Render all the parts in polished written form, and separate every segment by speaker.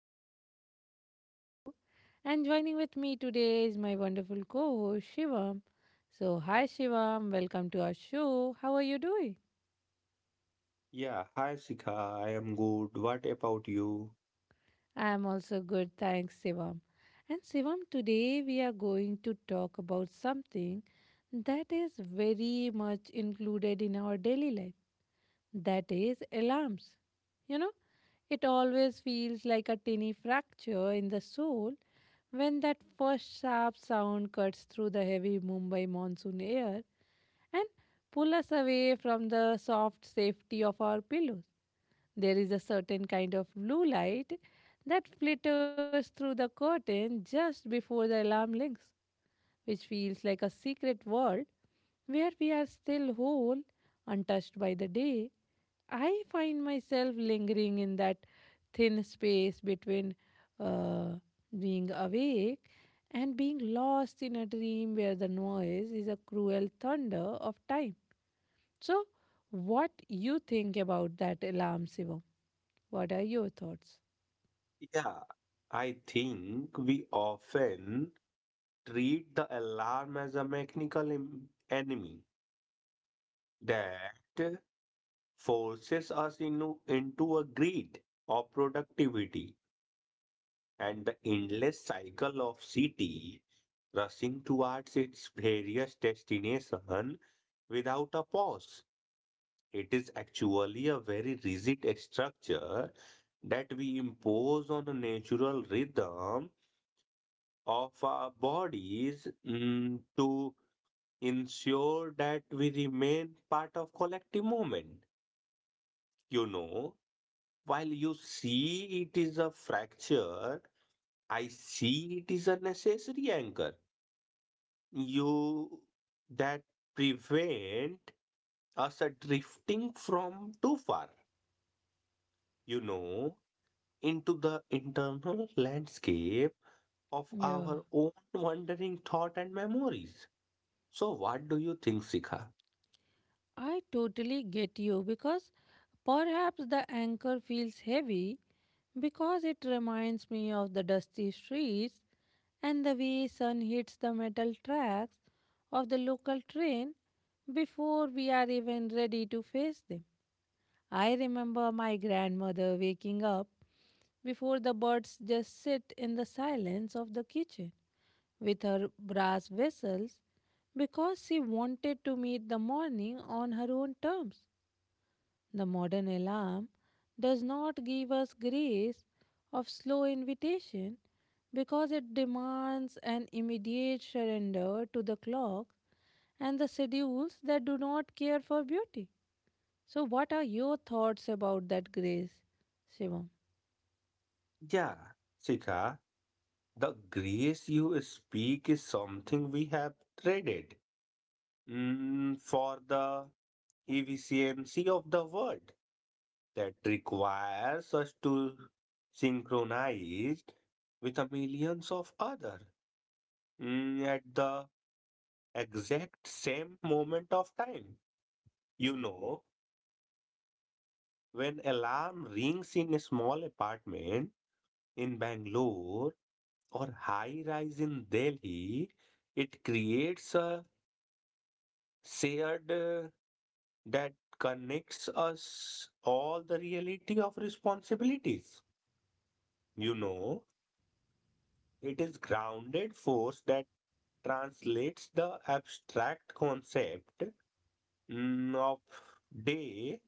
Speaker 1: again to my show. And joining with me today is my wonderful co host, Shivam. So, hi, Shivam, welcome to our show. How are you doing?
Speaker 2: Yeah, hi Sika, I am good. What about you?
Speaker 1: I am also good, thanks, Shivam. And, Shivam, today we are going to talk about something that is very much included in our daily life that is alarms. You know, it always feels like a tiny fracture in the soul when that first sharp sound cuts through the heavy Mumbai monsoon air and pull us away from the soft safety of our pillows. There is a certain kind of blue light that flitters through the curtain just before the alarm rings, which feels like a secret world where we are still whole, untouched by the day. I find myself lingering in that thin space between uh, being awake and being lost in a dream where the noise is a cruel thunder of time. So, what you think about that alarm, Shivam? What are your thoughts?
Speaker 2: Yeah, I think we often treat the alarm as a mechanical enemy that forces us into a greed of productivity and the endless cycle of city rushing towards its various destination without a pause. It is actually a very rigid structure that we impose on the natural rhythm of our bodies to ensure that we remain part of collective movement. You know, while you see it is a fracture, I see it is a necessary anchor. You that prevent us a drifting from too far. You know, into the internal landscape of
Speaker 1: Yeah.
Speaker 2: our own wandering thought and memories. So, what do you think, Sika?
Speaker 1: I totally get you because perhaps the anchor feels heavy because it reminds me of the dusty streets and the way sun hits the metal tracks of the local train before we are even ready to face them. I remember my grandmother waking up before the birds just sit in the silence of the kitchen with her brass vessels because she wanted to meet the morning on her own terms. The modern alarm does not give us grace of slow invitation because it demands an immediate surrender to the clock and the schedules that do not care for beauty. So, what are your thoughts about that grace, Shivam?
Speaker 2: Yeah, Sika, the grace you speak is something we have traded for the efficiency of the world that requires us to synchronize with a millions of other at the exact same moment of time. You know, when alarm rings in a small apartment in Bangalore or high rise in Delhi, it creates a shared that connects us all the reality of responsibilities. You know, it is grounded force that translates the abstract concept of day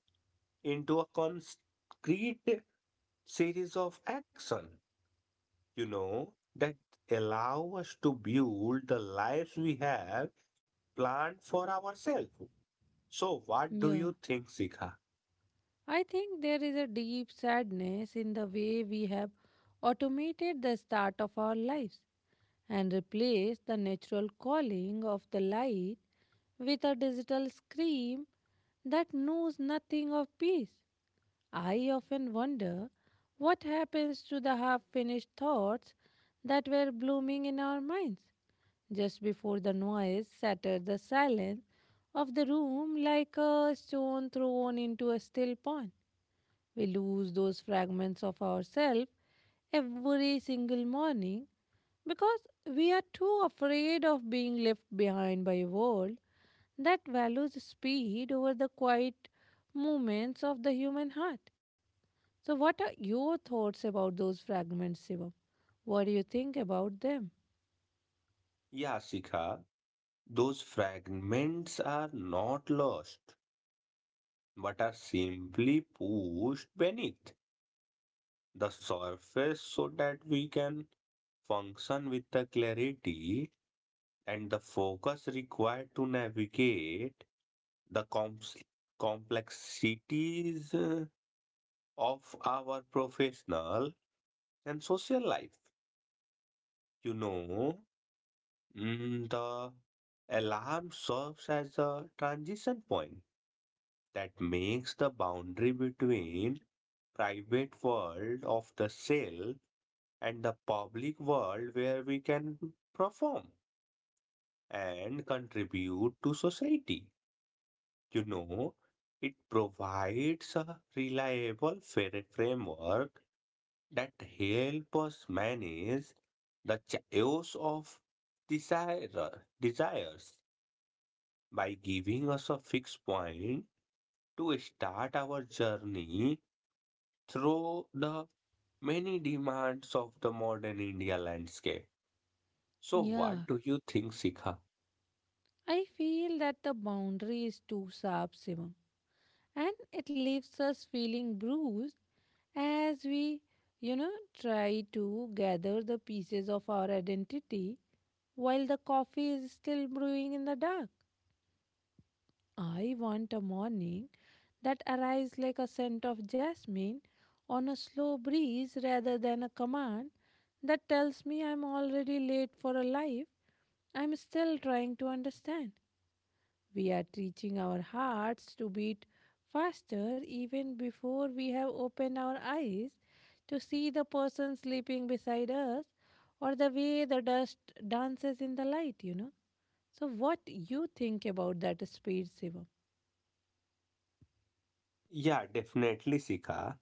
Speaker 2: into a concrete series of action. You know, that allow us to build the lives we have planned for ourselves. So, what do
Speaker 1: Yeah.
Speaker 2: you think, Sikha?
Speaker 1: I think there is a deep sadness in the way we have automated the start of our lives and replaced the natural calling of the light with a digital scream that knows nothing of peace. I often wonder what happens to the half finished thoughts that were blooming in our minds just before the noise shattered the silence of the room like a stone thrown into a still pond. We lose those fragments of ourselves every single morning because we are too afraid of being left behind by a world that values speed over the quiet movements of the human heart. So, what are your thoughts about those fragments, Shivam? What do you think about them?
Speaker 2: Yeah, Sikha, those fragments are not lost, but are simply pushed beneath the surface so that we can function with the clarity and the focus required to navigate the comps complexities of our professional and social life. You know, the alarm serves as a transition point that makes the boundary between private world of the cell and the public world where we can perform and contribute to society. You know, it provides a reliable framework that help us manage the chaos of desires by giving us a fixed point to start our journey through the many demands of the modern India landscape. So,
Speaker 1: Yeah,
Speaker 2: what do you think, Sikha?
Speaker 1: I feel that the boundary is too sharp, Shivam, and it leaves us feeling bruised as we, you know, try to gather the pieces of our identity while the coffee is still brewing in the dark. I want a morning that arrives like a scent of jasmine on a slow breeze rather than a command that tells me I'm already late for a life I'm still trying to understand. We are teaching our hearts to beat faster even before we have opened our eyes to see the person sleeping beside us or the way the dust dances in the light, you know. So what you think about that speed, Shivam?
Speaker 2: Yeah, definitely, Sikha,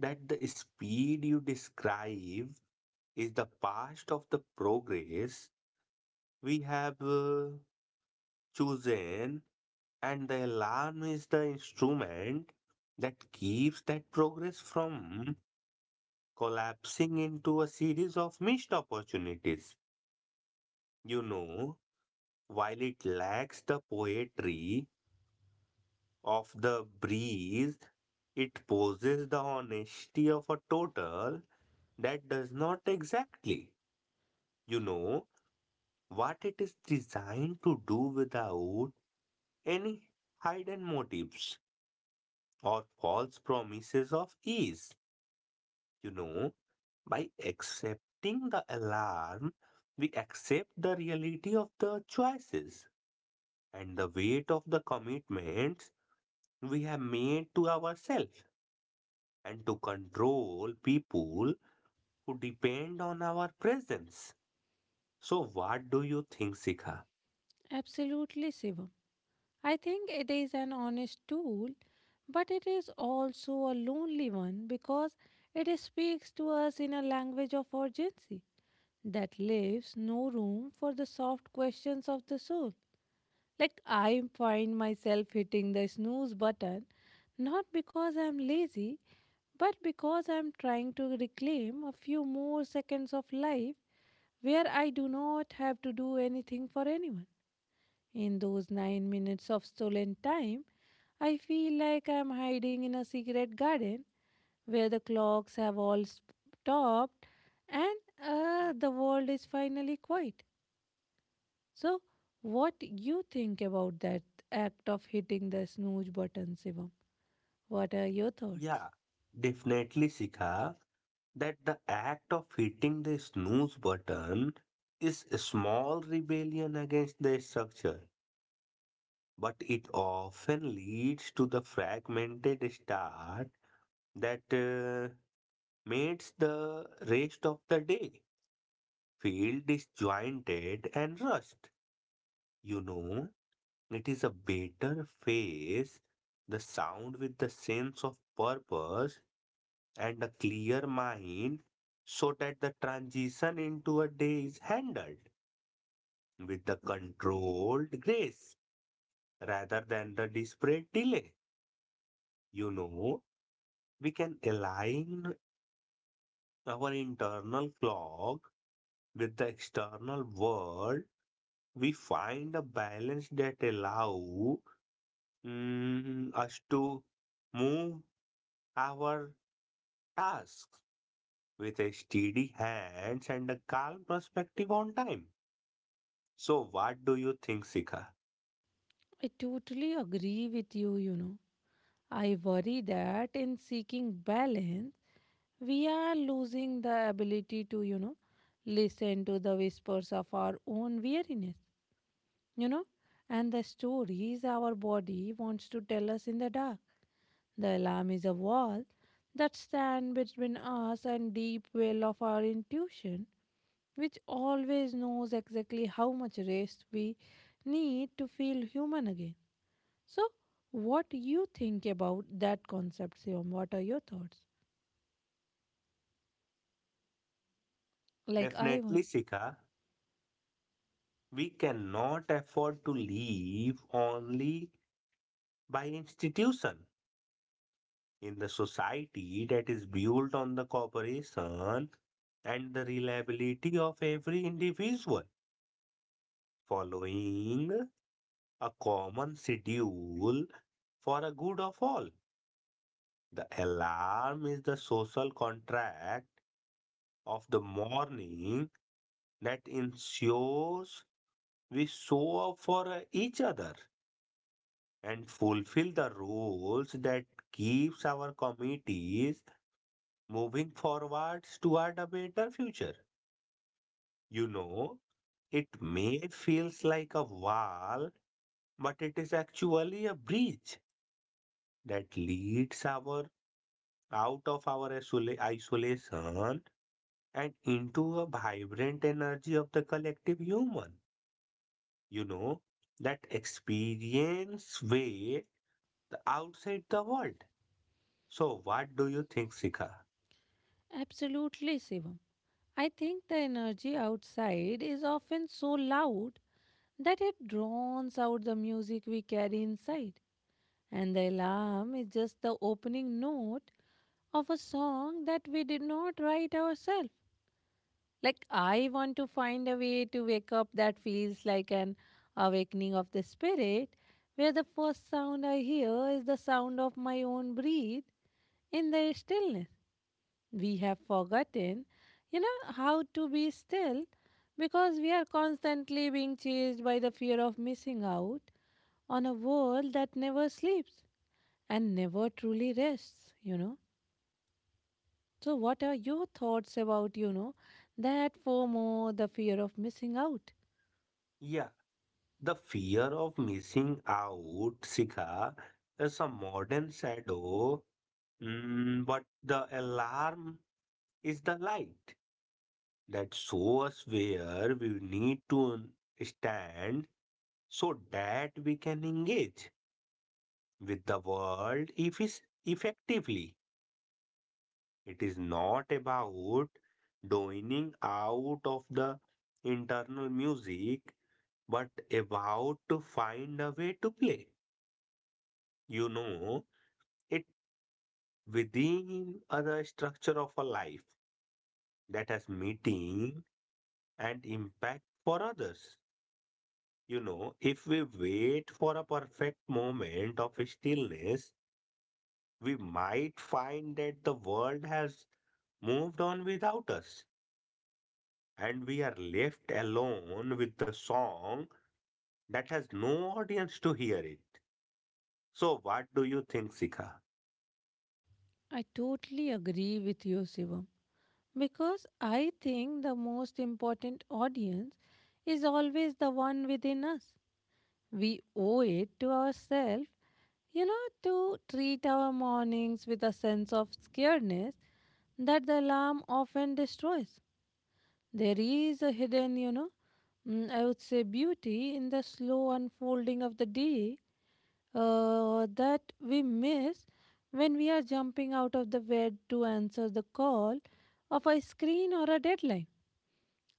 Speaker 2: that the speed you describe is the past of the progress we have chosen. And the alarm is the instrument that keeps that progress from collapsing into a series of missed opportunities. You know, while it lacks the poetry of the breeze, it possesses the honesty of a total that does not exactly, you know, what it is designed to do without any hidden motives or false promises of ease. You know, by accepting the alarm, we accept the reality of the choices and the weight of the commitments we have made to ourselves and to control people who depend on our presence. So, what do you think, Sika?
Speaker 1: Absolutely, Shivam. I think it is an honest tool, but it is also a lonely one because it speaks to us in a language of urgency that leaves no room for the soft questions of the soul. Like I find myself hitting the snooze button not because I'm lazy, but because I'm trying to reclaim a few more seconds of life where I do not have to do anything for anyone. In those 9 minutes of stolen time, I feel like I'm hiding in a secret garden where the clocks have all stopped and the world is finally quiet. So, what you think about that act of hitting the snooze button, Shivam? What are your thoughts?
Speaker 2: Yeah, definitely, Sika, that the act of hitting the snooze button is a small rebellion against the structure, but it often leads to the fragmented start that makes the rest of the day feel disjointed and rushed. You know, it is a better phase, the sound with the sense of purpose and a clear mind so that the transition into a day is handled with the controlled grace rather than the desperate delay. You know, we can align our internal clock with the external world. We find a balance that allow us to move our tasks with a steady hands and a calm perspective on time. So what do you think, Sika?
Speaker 1: I totally agree with you, you know. I worry that in seeking balance, we are losing the ability to, you know, listen to the whispers of our own weariness, you know, and the stories our body wants to tell us in the dark. The alarm is a wall that stands between us and deep well of our intuition, which always knows exactly how much rest we need to feel human again. So, what do you think about that concept, Shivam? What are your thoughts? Like I
Speaker 2: Definitely,
Speaker 1: want.
Speaker 2: Sika, we cannot afford to live only by institution in the society that is built on the cooperation and the reliability of every individual following a common schedule for a good of all. The alarm is the social contract of the morning that ensures we show up for each other and fulfill the roles that keeps our committees moving forwards toward a better future. You know, it may feels like a wall, but it is actually a bridge that leads our out of our isolation and into a vibrant energy of the collective human. You know, that experience way the outside the world. So what do you think, Sika?
Speaker 1: Absolutely, Shivam. I think the energy outside is often so loud that it drowns out the music we carry inside. And the alarm is just the opening note of a song that we did not write ourselves. Like, I want to find a way to wake up that feels like an awakening of the spirit, where the first sound I hear is the sound of my own breath in the stillness. We have forgotten, you know, how to be still because we are constantly being chased by the fear of missing out on a world that never sleeps and never truly rests, you know. So, what are your thoughts about, you know, that FOMO, the fear of missing out?
Speaker 2: Yeah, the fear of missing out, Sika, is a modern shadow. But the alarm is the light that shows where we need to stand so that we can engage with the world if is effectively. It is not about doining out of the internal music, but about to find a way to play. You know, it within other structure of a life that has meeting and impact for others. You know, if we wait for a perfect moment of stillness, we might find that the world has moved on without us, and we are left alone with the song that has no audience to hear it. So, what do you think, Sika?
Speaker 1: I totally agree with you, Shivam, because I think the most important audience is always the one within us. We owe it to ourselves, you know, to treat our mornings with a sense of scaredness that the alarm often destroys. There is a hidden, you know, I would say beauty in the slow unfolding of the day that we miss when we are jumping out of the bed to answer the call of a screen or a deadline.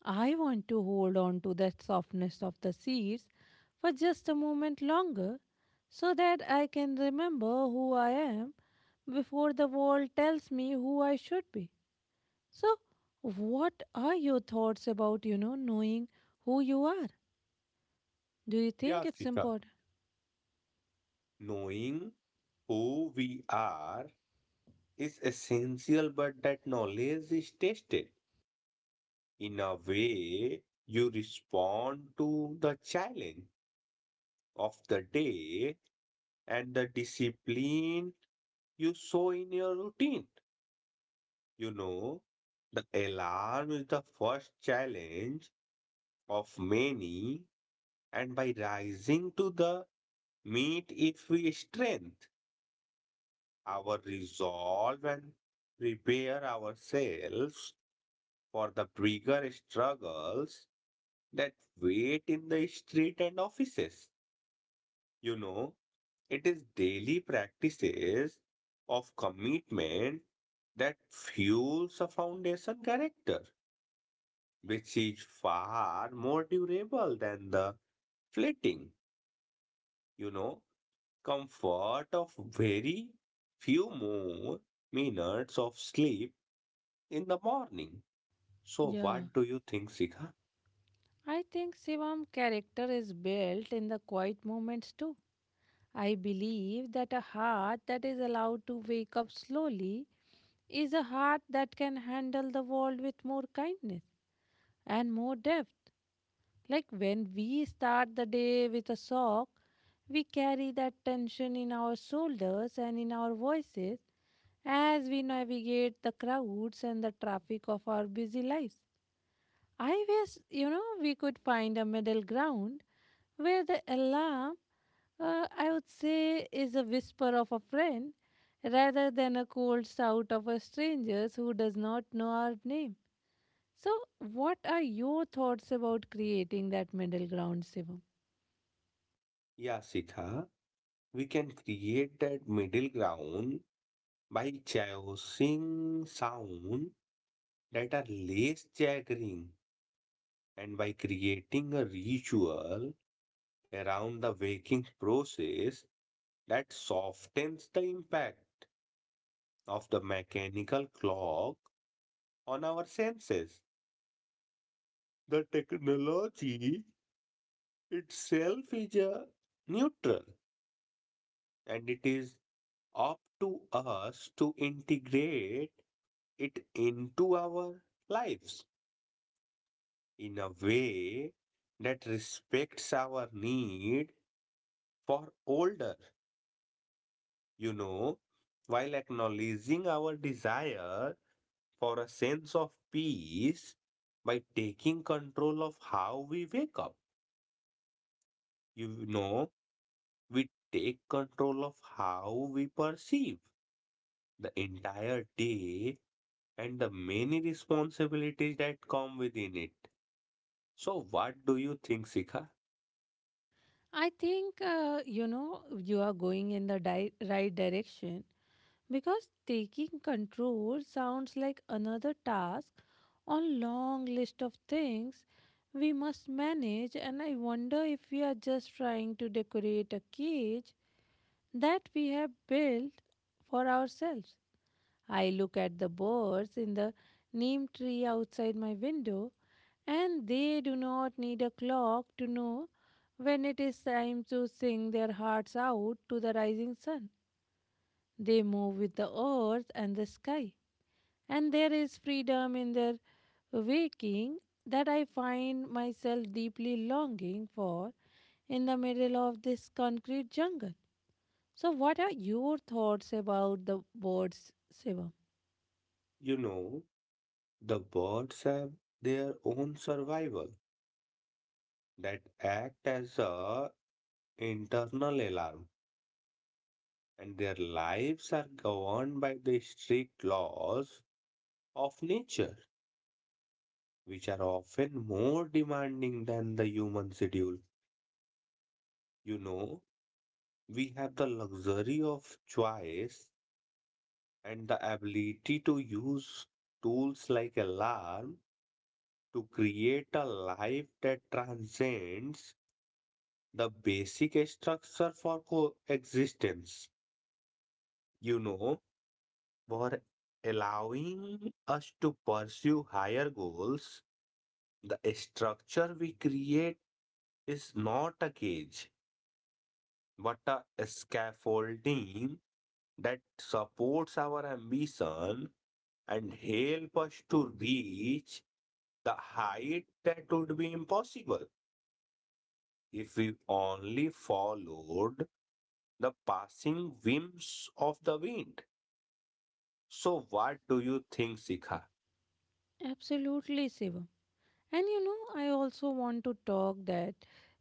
Speaker 1: I want to hold on to that softness of the seeds for just a moment longer so that I can remember who I am before the world tells me who I should be. So, what are your thoughts about, you know, knowing who you are? Do you think
Speaker 2: Yeah,
Speaker 1: it's
Speaker 2: Sika.
Speaker 1: important?
Speaker 2: Knowing who we are is essential, but that knowledge is tested. In a way, you respond to the challenge of the day and the discipline you show in your routine. You know, the alarm is the first challenge of many, and by rising to the meet, if we strengthen our resolve and prepare ourselves for the bigger struggles that wait in the street and offices, you know, it is daily practices of commitment that fuels a foundation character, which is far more durable than the fleeting, you know, comfort of very few more minutes of sleep in the morning. So,
Speaker 1: Yeah.
Speaker 2: what do you think, Sikha?
Speaker 1: I think Shivam character is built in the quiet moments too. I believe that a heart that is allowed to wake up slowly is a heart that can handle the world with more kindness and more depth. Like when we start the day with a sock, we carry that tension in our shoulders and in our voices as we navigate the crowds and the traffic of our busy lives. I wish, you know, we could find a middle ground where the alarm, I would say, is a whisper of a friend rather than a cold shout of a stranger who does not know our name. So, what are your thoughts about creating that middle ground, Shivam?
Speaker 2: Yeah, Sikha, we can create that middle ground by choosing sound that are less jaggering, and by creating a ritual around the waking process that softens the impact of the mechanical clock on our senses. The technology itself is a neutral, and it is up to us to integrate it into our lives in a way that respects our need for older. You know, while acknowledging our desire for a sense of peace, by taking control of how we wake up, you know, we take control of how we perceive the entire day and the many responsibilities that come within it. So, what do you think, Sika?
Speaker 1: I think you know you are going in the right direction because taking control sounds like another task on long list of things we must manage, and I wonder if we are just trying to decorate a cage that we have built for ourselves. I look at the birds in the neem tree outside my window and they do not need a clock to know when it is time to sing their hearts out to the rising sun. They move with the earth and the sky, and there is freedom in their waking that I find myself deeply longing for in the middle of this concrete jungle. So, what are your thoughts about the birds, Shivam?
Speaker 2: You know, the birds have their own survival that act as a internal alarm, and their lives are governed by the strict laws of nature, which are often more demanding than the human schedule. You know, we have the luxury of choice and the ability to use tools like alarm to create a life that transcends the basic structure for coexistence. You know, for allowing us to pursue higher goals. The structure we create is not a cage, but a scaffolding that supports our ambition and help us to reach the height that would be impossible if we only followed the passing whims of the wind. So, what do you think, Sikha?
Speaker 1: Absolutely, Shivam. And you know, I also want to talk that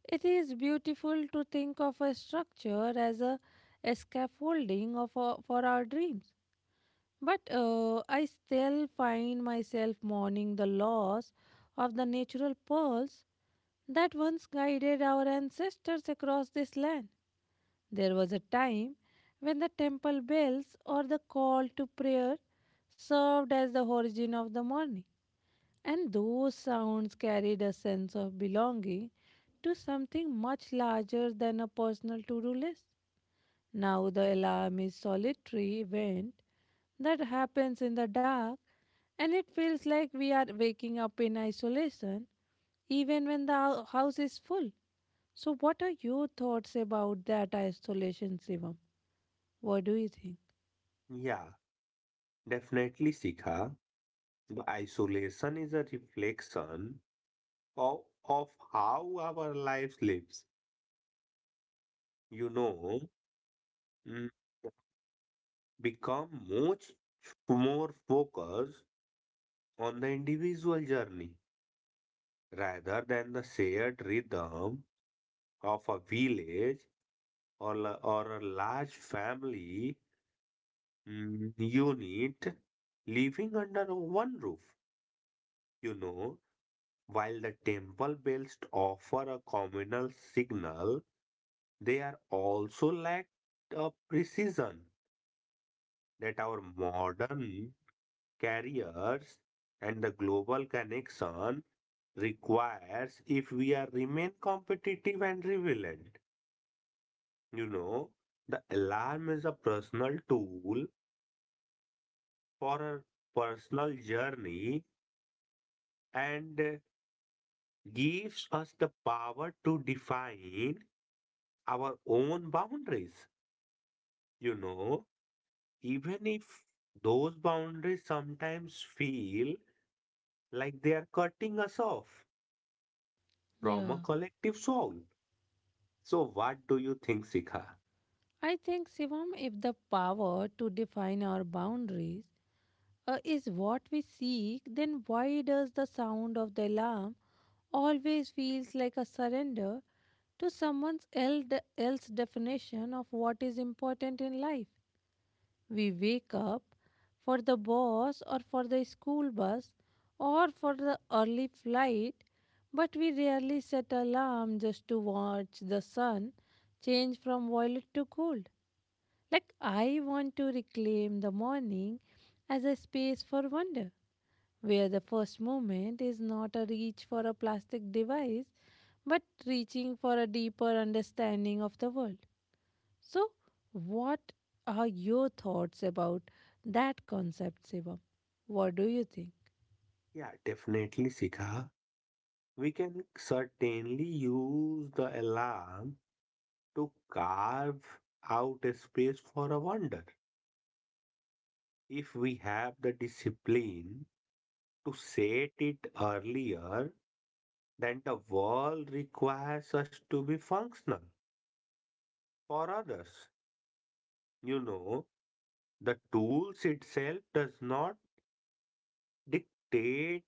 Speaker 1: it is beautiful to think of a structure as a scaffolding of for our dreams. But I still find myself mourning the loss of the natural pearls that once guided our ancestors across this land. There was a time when the temple bells or the call to prayer served as the origin of the morning and those sounds carried a sense of belonging to something much larger than a personal to do list. Now the alarm is solitary event that happens in the dark and it feels like we are waking up in isolation even when the house is full. So what are your thoughts about that isolation, Shivam? What do you think?
Speaker 2: Yeah, definitely, Sikha. The isolation is a reflection of, of how our lives, you know, mm, become much more focused on the individual journey rather than the shared rhythm of a village, or, or a large family unit living under one roof. You know, while the temple bells offer a communal signal, they are also lacked a precision that our modern careers and the global connection requires if we are remain competitive and relevant. You know, the alarm is a personal tool for a personal journey, and gives us the power to define our own boundaries. You know, even if those boundaries sometimes feel like they are cutting us off from a
Speaker 1: Yeah.
Speaker 2: collective soul. So, what do you think, Sikha?
Speaker 1: I think, Shivam, if the power to define our boundaries is what we seek, then why does the sound of the alarm always feels like a surrender to someone else's definition of what is important in life? We wake up for the boss or for the school bus or for the early flight, but we rarely set alarm just to watch the sun change from violet to gold. Like I want to reclaim the morning as a space for wonder where the first movement is not a reach for a plastic device but reaching for a deeper understanding of the world. So, what are your thoughts about that concept, Shivam? What do you think?
Speaker 2: Yeah, definitely, Sikha. We can certainly use the alarm to carve out a space for a wonder. If we have the discipline to set it earlier, then the world requires us to be functional for others. You know, the tools itself does not dictate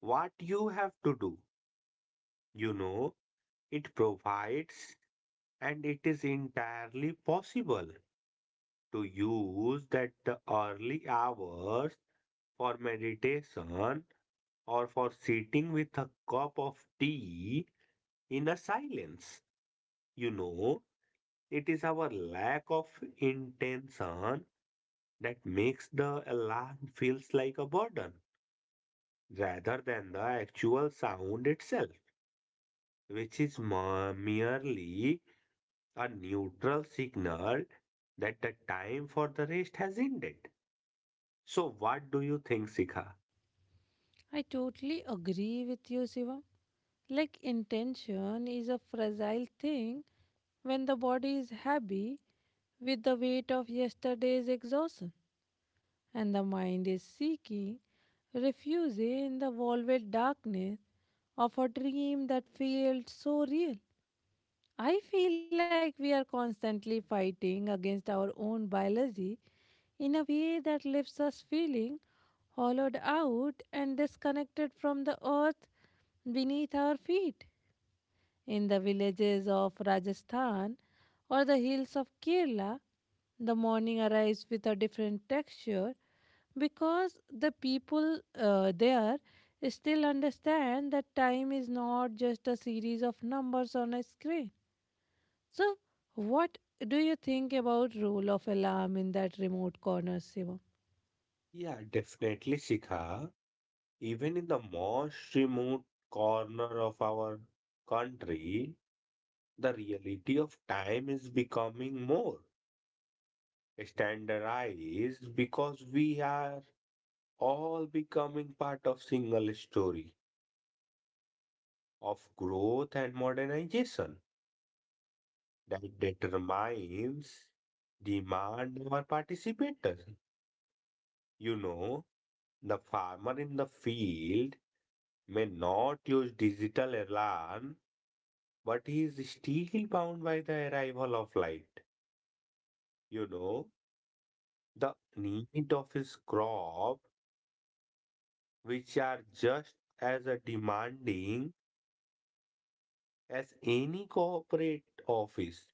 Speaker 2: what you have to do. You know, it provides, and it is entirely possible to use that the early hours for meditation or for sitting with a cup of tea in a silence. You know, it is our lack of intention that makes the alarm feels like a burden rather than the actual sound itself, which is merely a neutral signal that the time for the rest has ended. So, what do you think, Sikha?
Speaker 1: I totally agree with you, Shivam. Like, intention is a fragile thing when the body is heavy with the weight of yesterday's exhaustion and the mind is seeking refuge in the velvet darkness of a dream that felt so real. I feel like we are constantly fighting against our own biology in a way that leaves us feeling hollowed out and disconnected from the earth beneath our feet. In the villages of Rajasthan or the hills of Kerala, the morning arrives with a different texture because the people there still understand that time is not just a series of numbers on a screen. So what do you think about role of alarm in that remote corner, shiva?
Speaker 2: Yeah, definitely, Sikha. Even in the most remote corner of our country, the reality of time is becoming more standardized because we are all becoming part of single story of growth and modernization that determines demand or participator. You know, the farmer in the field may not use digital alarm, but he is still bound by the arrival of light. You know, the need of his crop, which are just as a demanding as any corporate office.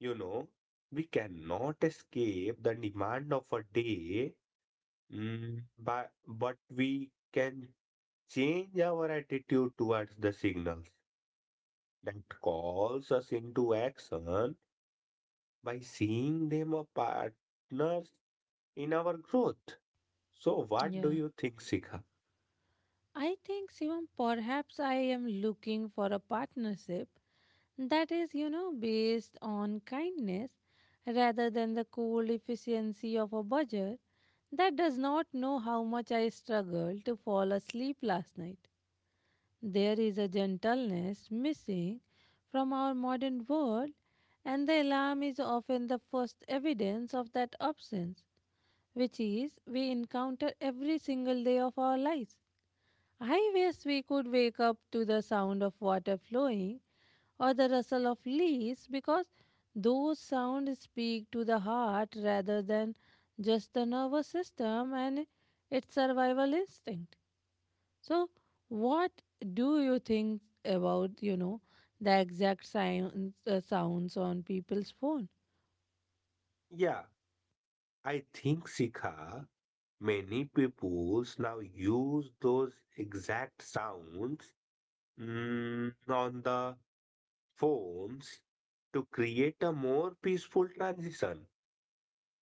Speaker 2: You know, we cannot escape the demand of a day. But but we can change our attitude towards the signals that calls us into action by seeing them as partners in our growth. So, what do
Speaker 1: Yeah,
Speaker 2: you think, Sikha?
Speaker 1: I think, Sivam, perhaps I am looking for a partnership that is, based on kindness rather than the cold efficiency of a budget that does not know how much I struggled to fall asleep last night. There is a gentleness missing from our modern world, and the alarm is often the first evidence of that absence, which is we encounter every single day of our lives. I wish we could wake up to the sound of water flowing or the rustle of leaves because those sounds speak to the heart rather than just the nervous system and its survival instinct. So, what do you think about, the exact sounds, sounds on people's phone?
Speaker 2: Yeah, I think, Sikha, many peoples now use those exact sounds on the phones to create a more peaceful transition,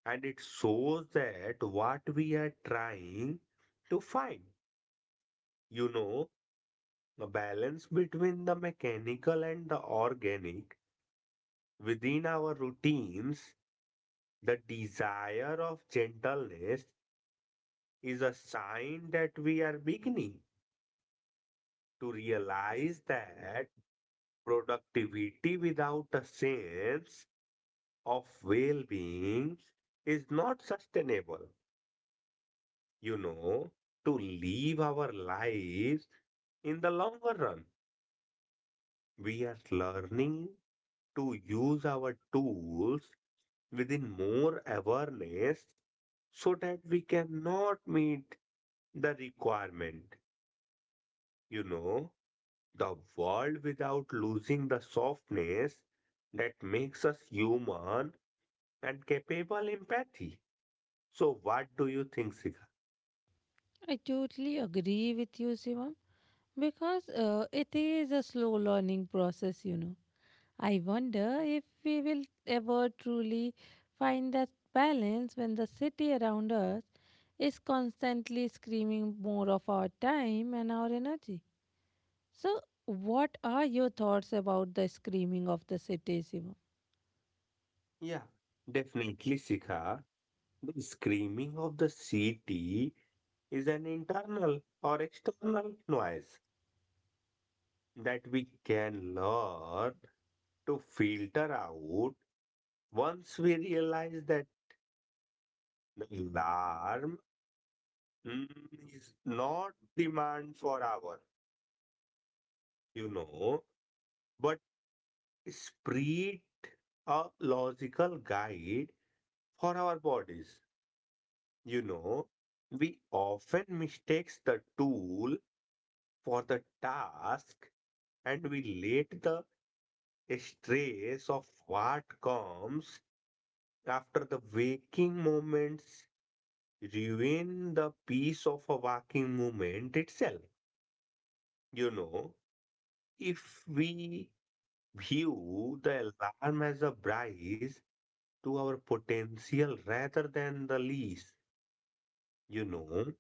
Speaker 2: and it shows that what we are trying to find, you know, a balance between the mechanical and the organic within our routines. The desire of gentleness is a sign that we are beginning to realize that productivity without a sense of well-being is not sustainable, you know, to live our lives in the longer run. We are learning to use our tools within more awareness so that we cannot meet the requirement, you know, the world without losing the softness that makes us human and capable empathy. So, what do you think, Sika?
Speaker 1: I totally agree with you, Shivam, because it is a slow learning process. You know, I wonder if we will ever truly find that balance when the city around us is constantly screaming more of our time and our energy. So, what are your thoughts about the screaming of the city, Shivam?
Speaker 2: Yeah, definitely, Sika. The screaming of the city is an internal or external noise that we can learn to filter out once we realize that the alarm mm, is not demand for our, you know, but spirit, a logical guide for our bodies. You know, we often mistakes the tool for the task, and we let the stress of what comes after the waking moments ruin the peace of a waking moment itself. You know, if we view the alarm as a brace to our potential rather than the lease, you know,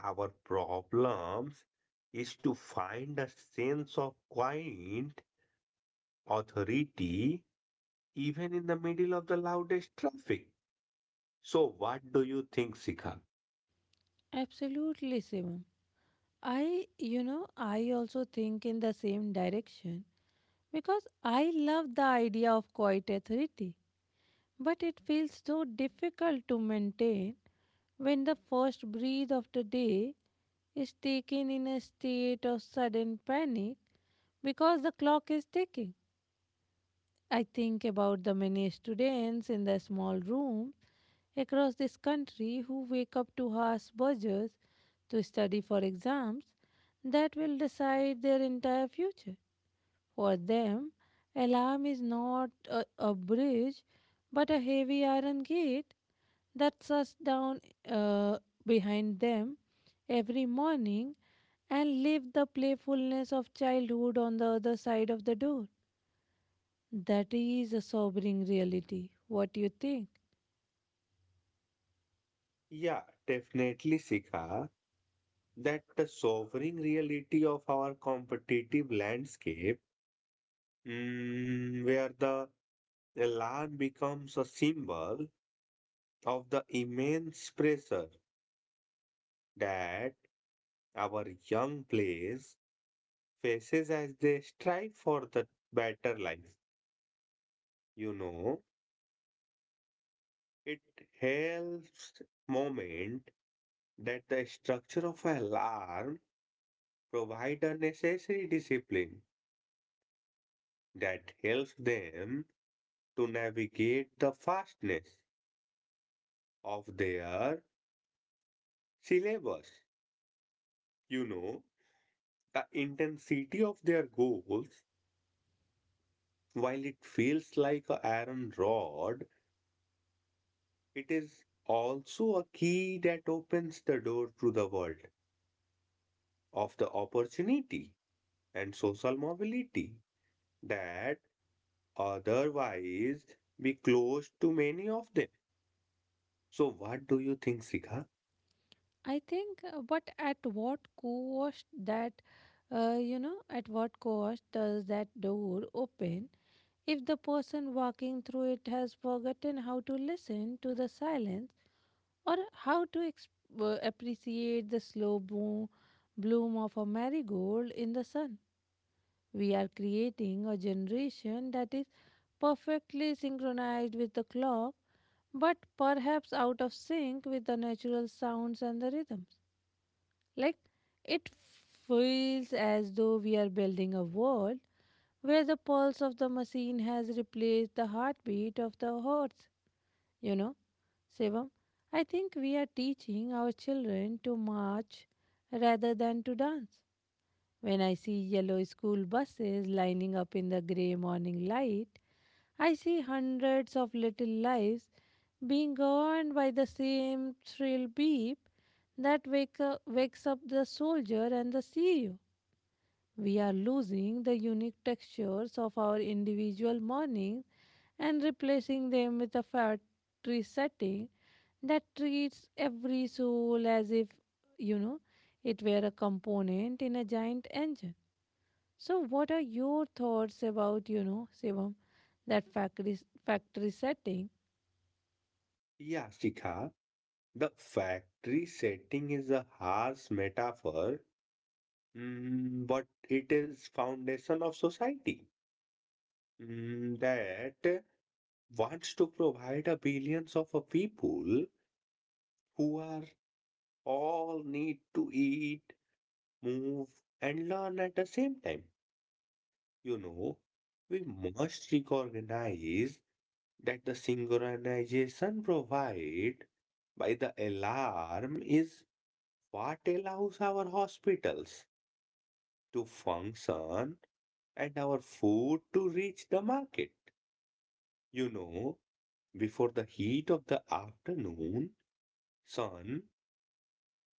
Speaker 2: our problems is to find a sense of quiet authority even in the middle of the loudest traffic. So, what do you think, Sikha?
Speaker 1: Absolutely, Shivam. I, I also think in the same direction because I love the idea of quiet authority, but it feels so difficult to maintain when the first breath of the day is taken in a state of sudden panic because the clock is ticking. I think about the many students in the small rooms across this country who wake up to harsh buzzers to study for exams that will decide their entire future. For them, alarm is not a bridge but a heavy iron gate that's us down, uh, behind them every morning and leave the playfulness of childhood on the other side of the door. That is a sobering reality. What do you think?
Speaker 2: Yeah, definitely, Sika, that the sovereign reality of our competitive landscape, where the alarm becomes a symbol of the immense pressure that our young players faces as they strive for the better life. You know, it helps moment that the structure of alarm provide a necessary discipline that helps them to navigate the fastness of their syllabus. You know, the intensity of their goals, while it feels like an iron rod, it is also a key that opens the door to the world of the opportunity and social mobility that otherwise be closed to many of them. So, what do you think, Sika?
Speaker 1: I think, but at what cost that, at what cost does that door open if the person walking through it has forgotten how to listen to the silence? Or how to appreciate the slow bloom of a marigold in the sun. We are creating a generation that is perfectly synchronized with the clock, but perhaps out of sync with the natural sounds and the rhythms. Like it feels as though we are building a world where the pulse of the machine has replaced the heartbeat of the horse, you know. Shivam, I think we are teaching our children to march rather than to dance. When I see yellow school buses lining up in the grey morning light, I see hundreds of little lives being governed by the same shrill beep that wakes up the soldier and the CEO. We are losing the unique textures of our individual mornings and replacing them with a factory setting that treats every soul as if, you know, it were a component in a giant engine. So, what are your thoughts about, Shivam, that factory setting?
Speaker 2: Yeah, Sika. The factory setting is a harsh metaphor, but it is foundation of society that wants to provide a billions of a people who are all need to eat, move, and learn at the same time. You know, we must recognize that the synchronization provided by the alarm is what allows our hospitals to function and our food to reach the market. You know, before the heat of the afternoon sun,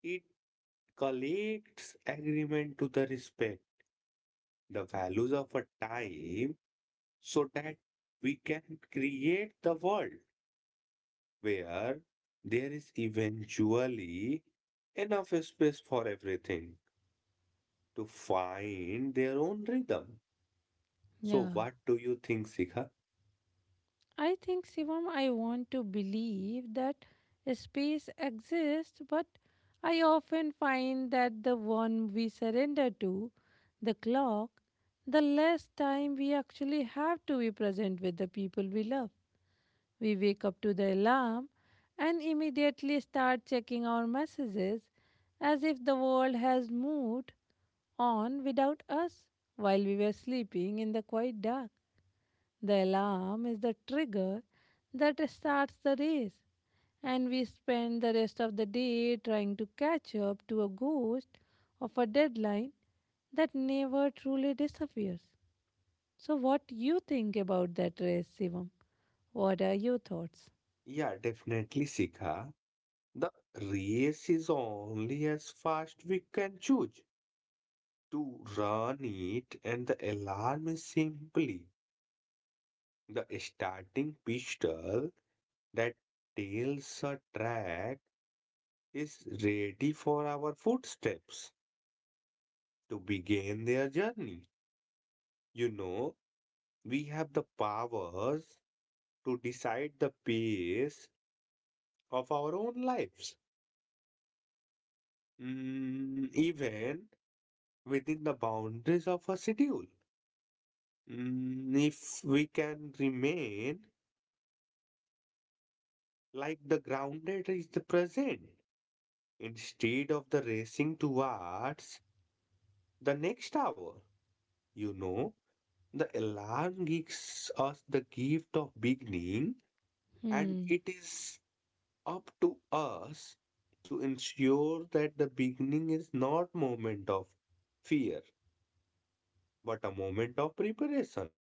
Speaker 2: it collects agreement to the respect the values of a time so that we can create the world where there is eventually enough space for everything to find their own rhythm. So,
Speaker 1: Yeah.
Speaker 2: what do you think, Sika?
Speaker 1: I think, Shivam, I want to believe that space exists, but I often find that the one we surrender to, the clock, the less time we actually have to be present with the people we love. We wake up to the alarm and immediately start checking our messages as if the world has moved on without us while we were sleeping in the quiet dark. The alarm is the trigger that starts the race, and we spend the rest of the day trying to catch up to a ghost of a deadline that never truly disappears. So, what you think about that race, Shivam? What are your thoughts?
Speaker 2: Yeah, definitely, Sika. The race is only as fast we can choose to run it, and the alarm is simply the starting pistol that tells a track is ready for our footsteps to begin their journey. You know, we have the powers to decide the pace of our own lives, even within the boundaries of a schedule. If we can remain like the grounded is the present instead of the racing towards the next hour, you know, the alarm gives us the gift of beginning, and
Speaker 1: Hmm,
Speaker 2: it is up to us to ensure that the beginning is not moment of fear but a moment of preparation.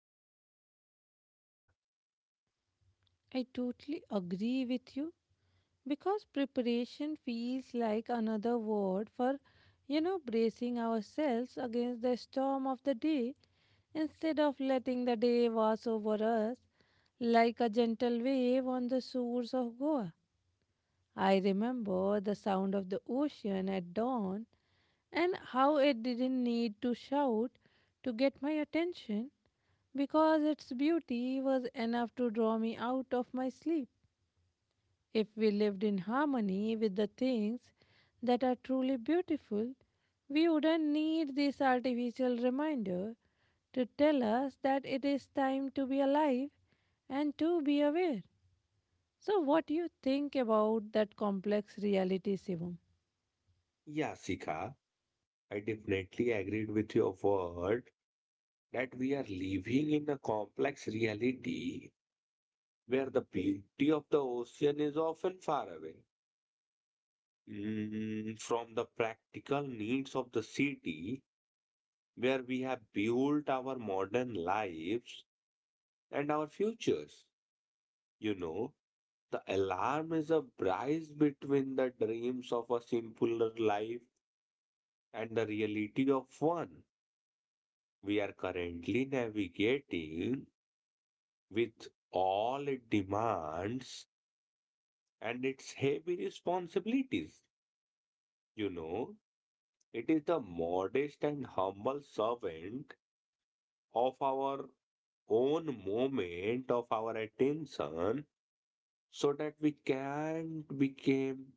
Speaker 2: So, what do you think, Sika?
Speaker 1: I totally agree with you because preparation feels like another word for, bracing ourselves against the storm of the day instead of letting the day wash over us like a gentle wave on the shores of Goa. I remember the sound of the ocean at dawn and how it didn't need to shout to get my attention because its beauty was enough to draw me out of my sleep. If we lived in harmony with the things that are truly beautiful, we wouldn't need this artificial reminder to tell us that it is time to be alive and to be aware. So, what do you think about that complex reality, Shivam?
Speaker 2: Yeah, Sika, I definitely agreed with your word that we are living in a complex reality where the beauty of the ocean is often far away from the practical needs of the city where we have built our modern lives and our futures. You know, the alarm is a bridge between the dreams of a simpler life and the reality of one we are currently navigating with all it demands and its heavy responsibilities. You know, it is the modest and humble servant of our own moment of our attention so that we can become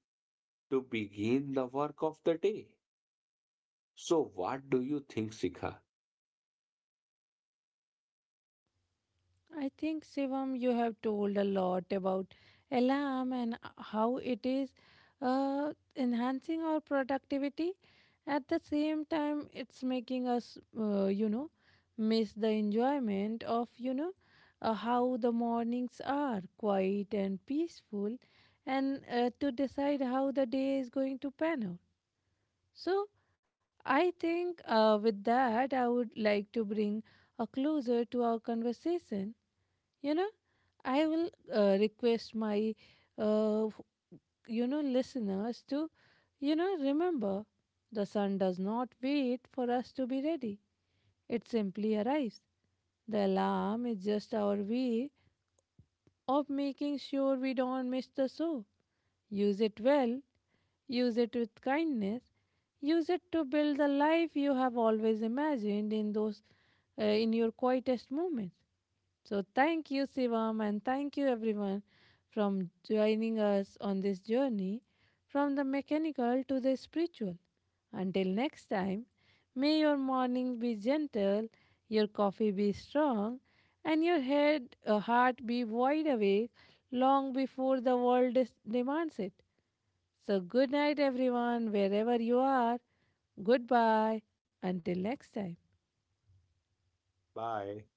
Speaker 2: to begin the work of the day. So what do you think, Sikha?
Speaker 1: I think, Shivam, you have told a lot about alarm and how it is enhancing our productivity. At the same time, it's making us, miss the enjoyment of, how the mornings are quiet and peaceful and to decide how the day is going to pan out. So, I think with that, I would like to bring a closer to our conversation. you know, I will request my, uh, f- listeners to, remember the sun does not wait for us to be ready, it simply arrives. The alarm is just our way of making sure we don't miss the show. Use it well, use it with kindness, use it to build the life you have always imagined in those, in your quietest moments. So thank you, Shivam, and thank you everyone from joining us on this journey from the mechanical to the spiritual. Until next time, may your mornings be gentle, your coffee be strong, and your heart be wide awake long before the world demands it. So, good night, everyone, wherever you are. Goodbye. Until next time.
Speaker 2: Bye.